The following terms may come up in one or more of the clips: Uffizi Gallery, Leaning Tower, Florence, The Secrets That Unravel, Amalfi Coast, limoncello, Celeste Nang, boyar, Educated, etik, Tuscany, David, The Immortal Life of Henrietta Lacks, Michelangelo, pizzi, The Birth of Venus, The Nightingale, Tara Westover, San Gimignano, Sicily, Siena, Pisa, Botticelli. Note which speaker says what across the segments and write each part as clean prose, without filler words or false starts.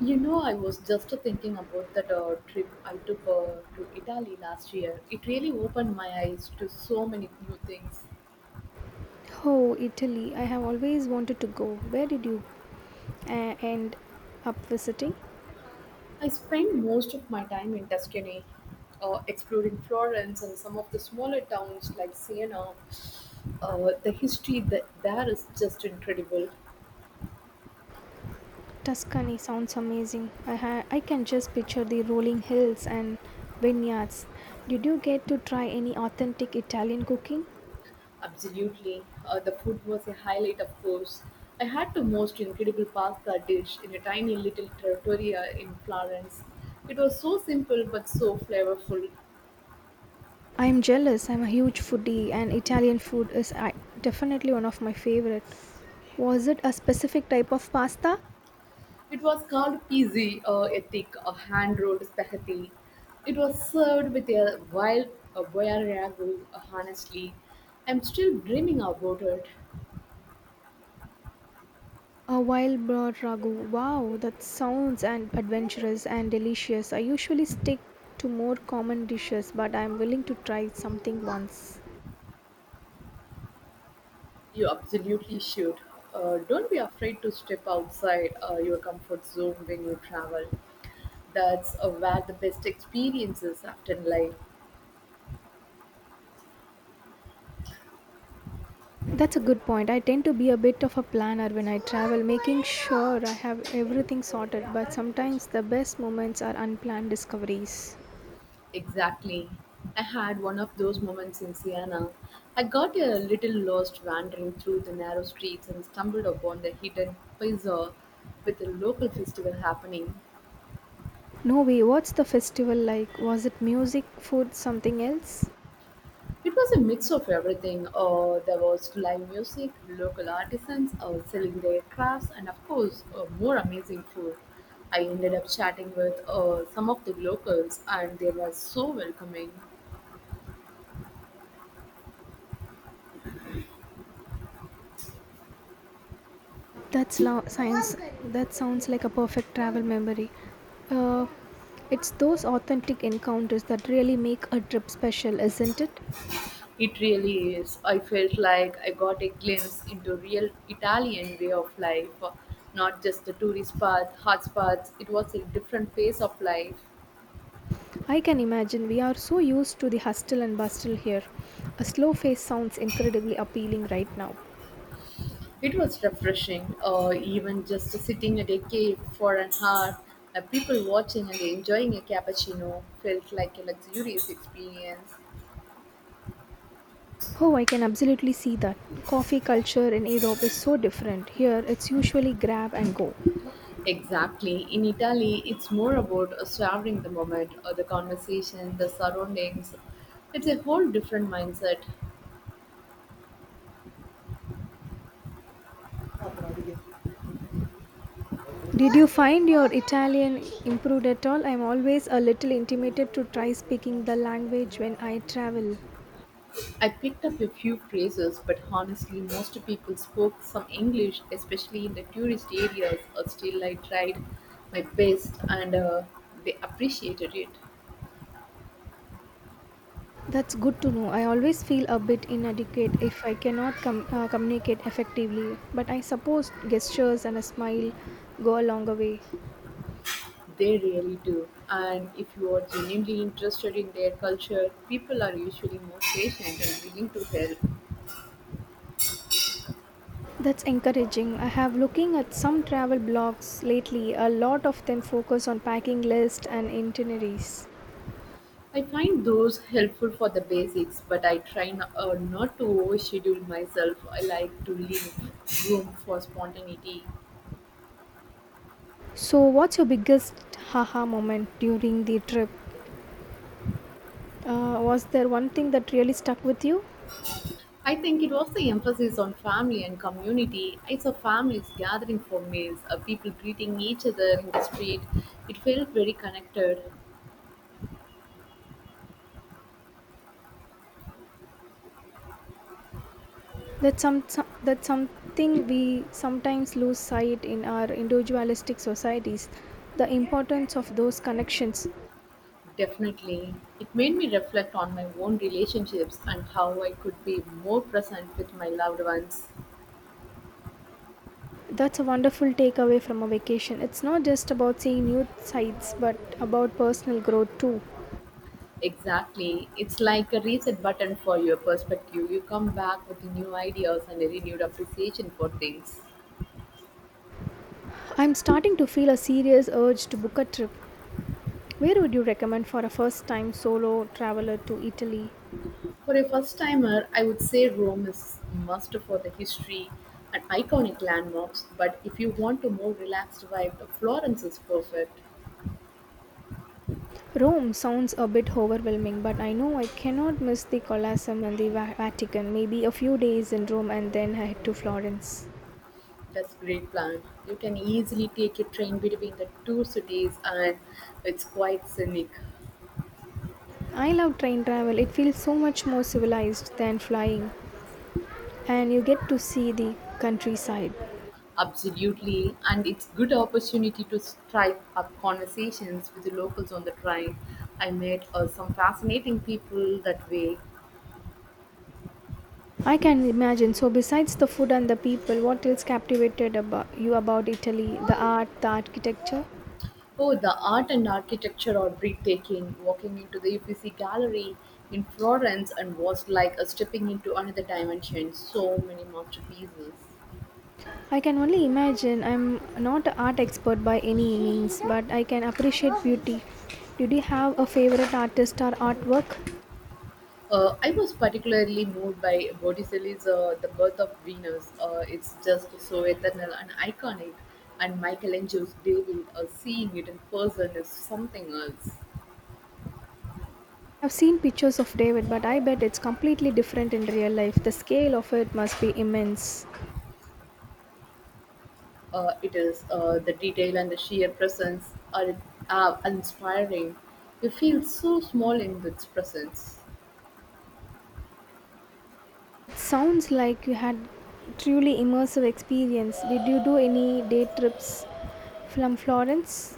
Speaker 1: You know, I was just thinking about that trip I took to Italy last year. It really opened my eyes to so many new things.
Speaker 2: Oh, Italy. I have always wanted to go. Where did you end up visiting?
Speaker 1: I spent most of my time in Tuscany, exploring Florence and some of the smaller towns like Siena. The history that there is just incredible.
Speaker 2: Tuscany sounds amazing. I can just picture the rolling hills and vineyards. Did you get to try any authentic Italian cooking?
Speaker 1: Absolutely. The food was a highlight, of course. I had the most incredible pasta dish in a tiny little trattoria in Florence. It was so simple but so flavorful.
Speaker 2: I'm jealous. I'm a huge foodie, and Italian food is definitely one of my favorite. Was it a specific type of pasta?
Speaker 1: It was called "pizzi" or "etik" a hand-rolled spaghetti. It was served with a wild boyar ragu. Honestly, I'm still dreaming about it.
Speaker 2: A wild boar ragu. Wow, that sounds and adventurous and delicious. I usually stick to more common dishes, but I am willing to try something once.
Speaker 1: You absolutely should. Don't be afraid to step outside your comfort zone when you travel. That's where the best experiences often lie.
Speaker 2: That's a good point. I tend to be a bit of a planner when I travel, making sure I have everything sorted, but sometimes the best moments are unplanned discoveries.
Speaker 1: Exactly. I had one of those moments in Siena. I got a little lost wandering through the narrow streets and stumbled upon the hidden piazza with a local festival happening.
Speaker 2: No way, what's the festival like? Was it music, food, something else?
Speaker 1: It was a mix of everything. There was live music, local artisans selling their crafts, and of course, more amazing food. I ended up chatting with some of the locals, and they were so welcoming.
Speaker 2: Science. That sounds like a perfect travel memory. Uh, it's those authentic encounters that really make a trip special, isn't it?
Speaker 1: It really is. I felt like I got a glimpse into real Italian way of life, not just the tourist path, hotspots. It was a different phase of life.
Speaker 2: I can imagine we are so used to the hustle and bustle here. A slow pace sounds incredibly appealing right now.
Speaker 1: It was refreshing, or even just sitting at a cave for an hour, people watching and enjoying a cappuccino felt like a luxurious experience.
Speaker 2: Oh, I can absolutely see that. Coffee culture in Europe is so different. Here, it's usually grab and go.
Speaker 1: Exactly. In Italy, it's more about savoring the moment, or the conversation, the surroundings. It's a whole different mindset.
Speaker 2: Did you find your Italian improved at all? I'm always a little intimidated to try speaking the language when I travel.
Speaker 1: I picked up a few phrases, but honestly, most people spoke some English, especially in the tourist areas. Or still, I tried my best, and they appreciated it.
Speaker 2: That's good to know. I always feel a bit inadequate if I cannot communicate effectively, but I suppose gestures and a smile go a longer way.
Speaker 1: They really do. And if you are genuinely interested in their culture, people are usually more patient and willing to help.
Speaker 2: That's encouraging. I have looking at some travel blogs lately. A lot of them focus on packing lists and itineraries.
Speaker 1: I find those helpful for the basics, but I try not to overschedule myself. I like to leave room for spontaneity.
Speaker 2: So, what's your biggest haha moment during the trip? Was there one thing that really stuck with you?
Speaker 1: I think it was the emphasis on family and community. I saw families gathering for meals, people greeting each other in the street. It felt very connected,
Speaker 2: That something we sometimes lose sight in our individualistic societies, the importance of those connections.
Speaker 1: definitely. It made me reflect on my own relationships and how I could be more present with my loved ones.
Speaker 2: That's a wonderful takeaway from a vacation. It's not just about seeing new sights, but about personal growth too.
Speaker 1: Exactly. It's like a reset button for your perspective. You come back with new ideas and a renewed appreciation for things.
Speaker 2: I'm starting to feel a serious urge to book a trip. Where would you recommend for a first time solo traveler to Italy?
Speaker 1: For a first-timer, I would say Rome is must for the history and iconic landmarks, but if you want a more relaxed vibe, Florence is perfect.
Speaker 2: Rome sounds a bit overwhelming, but I know I cannot miss the Colosseum and the Vatican. Maybe a few days in Rome and then head to Florence.
Speaker 1: That's great plan. You can easily take a train between the two cities and it's quite scenic.
Speaker 2: I love train travel. It feels so much more civilized than flying, and you get to see the countryside.
Speaker 1: Absolutely, and it's good opportunity to strike up conversations with the locals on the train. I met some fascinating people that way.
Speaker 2: I can imagine. So, besides the food and the people, what else captivated about you about Italy? The art, the architecture?
Speaker 1: Oh, the art and architecture are breathtaking. Walking into the Uffizi Gallery in Florence and was like a stepping into another dimension. So many masterpieces.
Speaker 2: I can only imagine. I'm not an art expert by any means, but I can appreciate beauty. Did you have a favorite artist or artwork?
Speaker 1: I was particularly moved by Botticelli's The Birth of Venus. It's just so eternal and iconic. And Michelangelo's David, seeing it in person is something else.
Speaker 2: I've seen pictures of David, but I bet it's completely different in real life. The scale of it must be immense.
Speaker 1: It is the detail and the sheer presence are inspiring. You feel so small in its presence.
Speaker 2: Sounds like you had truly immersive experience. Did you do any day trips from Florence?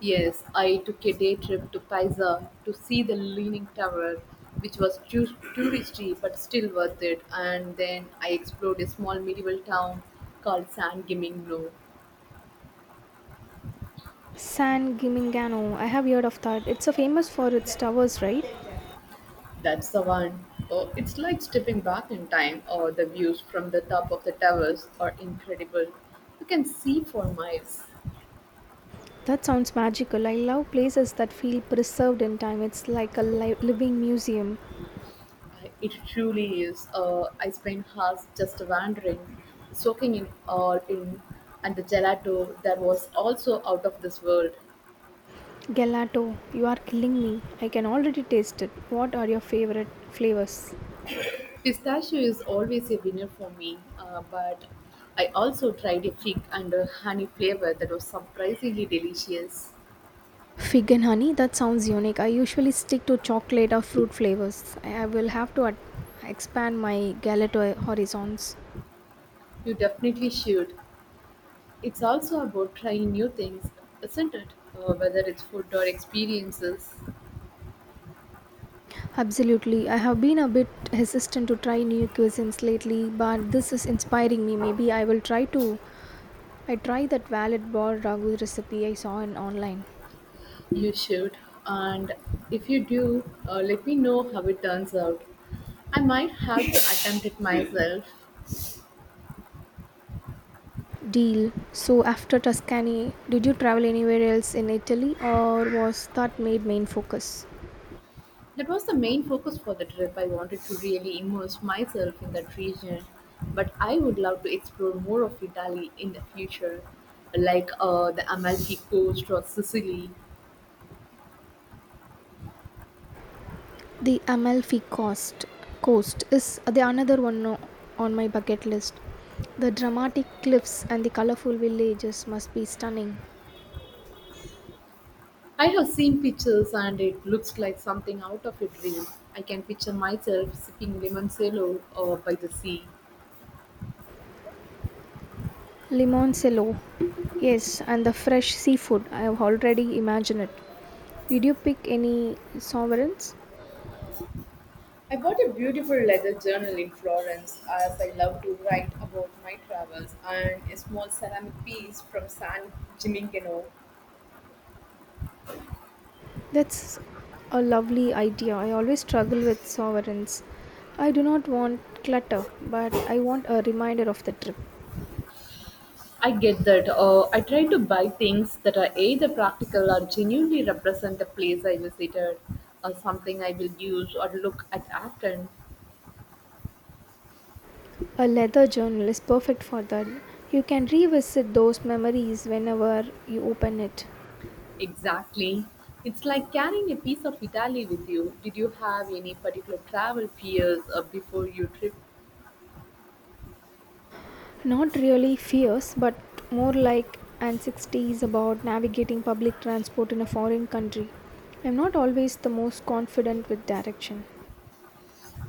Speaker 1: Yes, I took a day trip to Pisa to see the Leaning Tower, which was touristy but still worth it. And then I explored a small medieval town called San Gimignano.
Speaker 2: San Gimignano. I have heard of that. It's so famous for its towers, right?
Speaker 1: That's the one. Oh, it's like stepping back in time, or the views from the top of the towers are incredible. You can see for miles.
Speaker 2: That sounds magical. I love places that feel preserved in time. It's like a living museum.
Speaker 1: It truly is. I spent hours just wandering, soaking in all in, and the gelato that was also out of this world.
Speaker 2: Gelato, you are killing me. I can already taste it. What are your favorite flavors?
Speaker 1: Pistachio is always a winner for me, but I also tried a fig and a honey flavor that was surprisingly delicious.
Speaker 2: Fig and honey, that sounds unique. I usually stick to chocolate or fruit flavors. I will have to expand my galato horizons.
Speaker 1: You definitely should. It's also about trying new things, isn't it? Whether it's food or experiences,
Speaker 2: Absolutely. I have been a bit hesitant to try new cuisines lately, but this is inspiring me. Maybe I will try to I try that valid bar ragu recipe I saw in online.
Speaker 1: you should. And if you do, let me know how it turns out. I might have to attempt it myself.
Speaker 2: Deal. So after Tuscany, did you travel anywhere else in Italy or was that made main focus?
Speaker 1: That was the main focus for the trip. I wanted to really immerse myself in that region, but I would love to explore more of Italy in the future, like the Amalfi Coast or Sicily.
Speaker 2: The Amalfi Coast is the another one on my bucket list. The dramatic cliffs and the colorful villages must be stunning.
Speaker 1: I have seen pictures and it looks like something out of a dream. I can picture myself sipping limoncello by the sea.
Speaker 2: Limoncello, yes, and the fresh seafood. I have already imagined it. Did you pick any sovereigns?
Speaker 1: I bought a beautiful leather journal in Florence as I love to write about my travels and a small ceramic piece from San Gimignano.
Speaker 2: That's a lovely idea. I always struggle with sovereigns. I do not want clutter, but I want a reminder of the trip.
Speaker 1: I get that. I try to buy things that are either practical or genuinely represent the place I visited, or something I will use or look at often.
Speaker 2: A leather journal is perfect for that. You can revisit those memories whenever you open it.
Speaker 1: Exactly. It's like carrying a piece of Italy with you. Did you have any particular travel fears before your trip?
Speaker 2: Not really fears, but more like anxieties about navigating public transport in a foreign country. I'm not always the most confident with direction.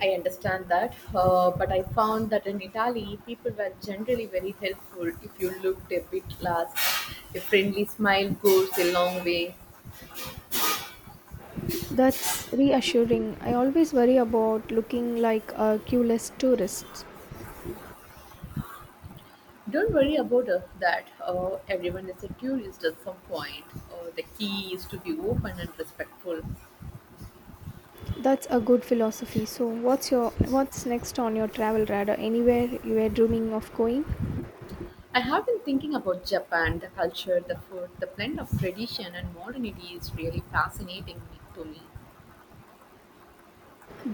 Speaker 1: I understand that, but I found that in Italy, people were generally very helpful if you looked a bit lost. A friendly smile goes a long way.
Speaker 2: That's reassuring. I always worry about looking like a clueless tourist.
Speaker 1: Don't worry about that. Everyone is a tourist at some point. The key is to be open and respectful.
Speaker 2: That's a good philosophy. So, what's next on your travel radar? Anywhere you were dreaming of going?
Speaker 1: I have been thinking about Japan, the culture, the food, the blend of tradition and modernity is really to me.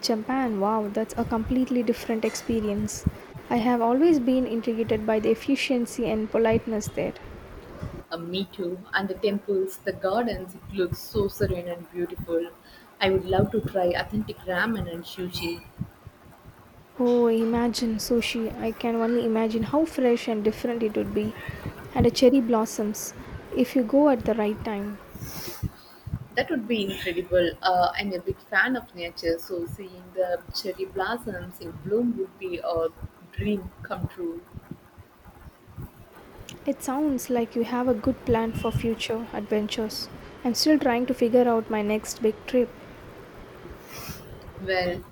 Speaker 2: Japan, wow, that's a completely different experience. I have always been intrigued by the efficiency and politeness there.
Speaker 1: Me too. And the temples, the gardens, it looks so serene and beautiful. I would love to try authentic ramen and sushi.
Speaker 2: Oh, imagine sushi. I can only imagine how fresh and different it would be. And the cherry blossoms, if you go at the right time.
Speaker 1: That would be incredible. I'm a big fan of nature, so seeing the cherry blossoms in bloom would be a dream come true.
Speaker 2: It sounds like you have a good plan for future adventures. I'm still trying to figure out my next big trip.
Speaker 1: Well,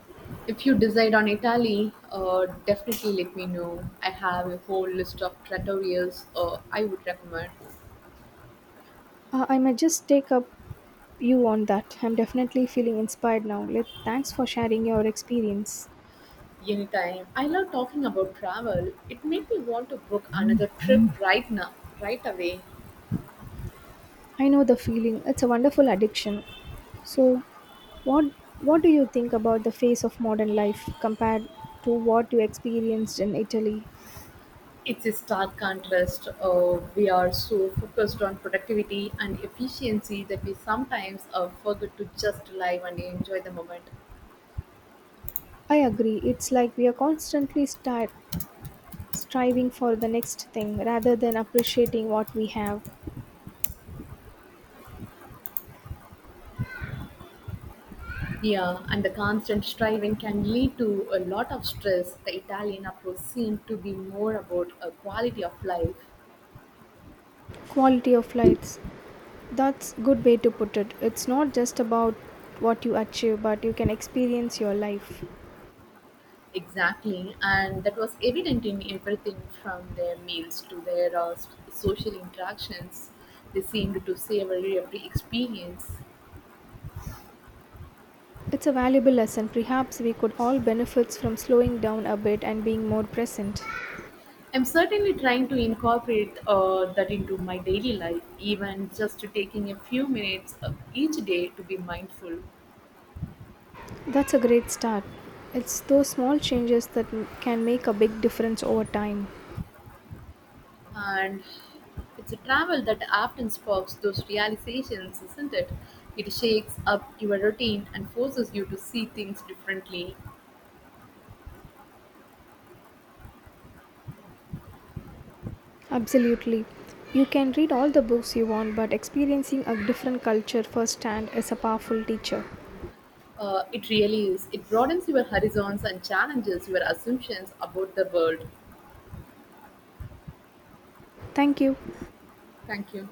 Speaker 1: if you decide on Italy, definitely let me know. I have a whole list of trattorias I would recommend.
Speaker 2: I might just take up you on that. I'm definitely feeling inspired now. Let, thanks for sharing your experience.
Speaker 1: Anytime. I love talking about travel. It made me want to book another trip right now, right away.
Speaker 2: I know the feeling. It's a wonderful addiction. So, what what do you think about the face of modern life compared to what you experienced in Italy?
Speaker 1: It's a stark contrast. We are so focused on productivity and efficiency that we sometimes forget to just live and enjoy the moment.
Speaker 2: I agree. It's like we are constantly striving for the next thing rather than appreciating what we have.
Speaker 1: Yeah, and the constant striving can lead to a lot of stress. The Italian approach seemed to be more about a quality of life.
Speaker 2: Quality of life. That's good way to put it. It's not just about what you achieve, but you can experience your life.
Speaker 1: Exactly, and that was evident in everything from their meals to their social interactions. They seemed to savor every experience.
Speaker 2: It's a valuable lesson. Perhaps we could all benefit from slowing down a bit and being more present.
Speaker 1: I'm certainly trying to incorporate that into my daily life, even just to taking a few minutes of each day to be mindful.
Speaker 2: That's a great start. It's those small changes that can make a big difference over time.
Speaker 1: And it's a travel that often sparks those realizations, isn't it? It shakes up your routine and forces you to see things differently.
Speaker 2: Absolutely. You can read all the books you want, but experiencing a different culture firsthand is a powerful teacher.
Speaker 1: It really is. It broadens your horizons and challenges your assumptions about the world.
Speaker 2: Thank you.
Speaker 1: Thank you.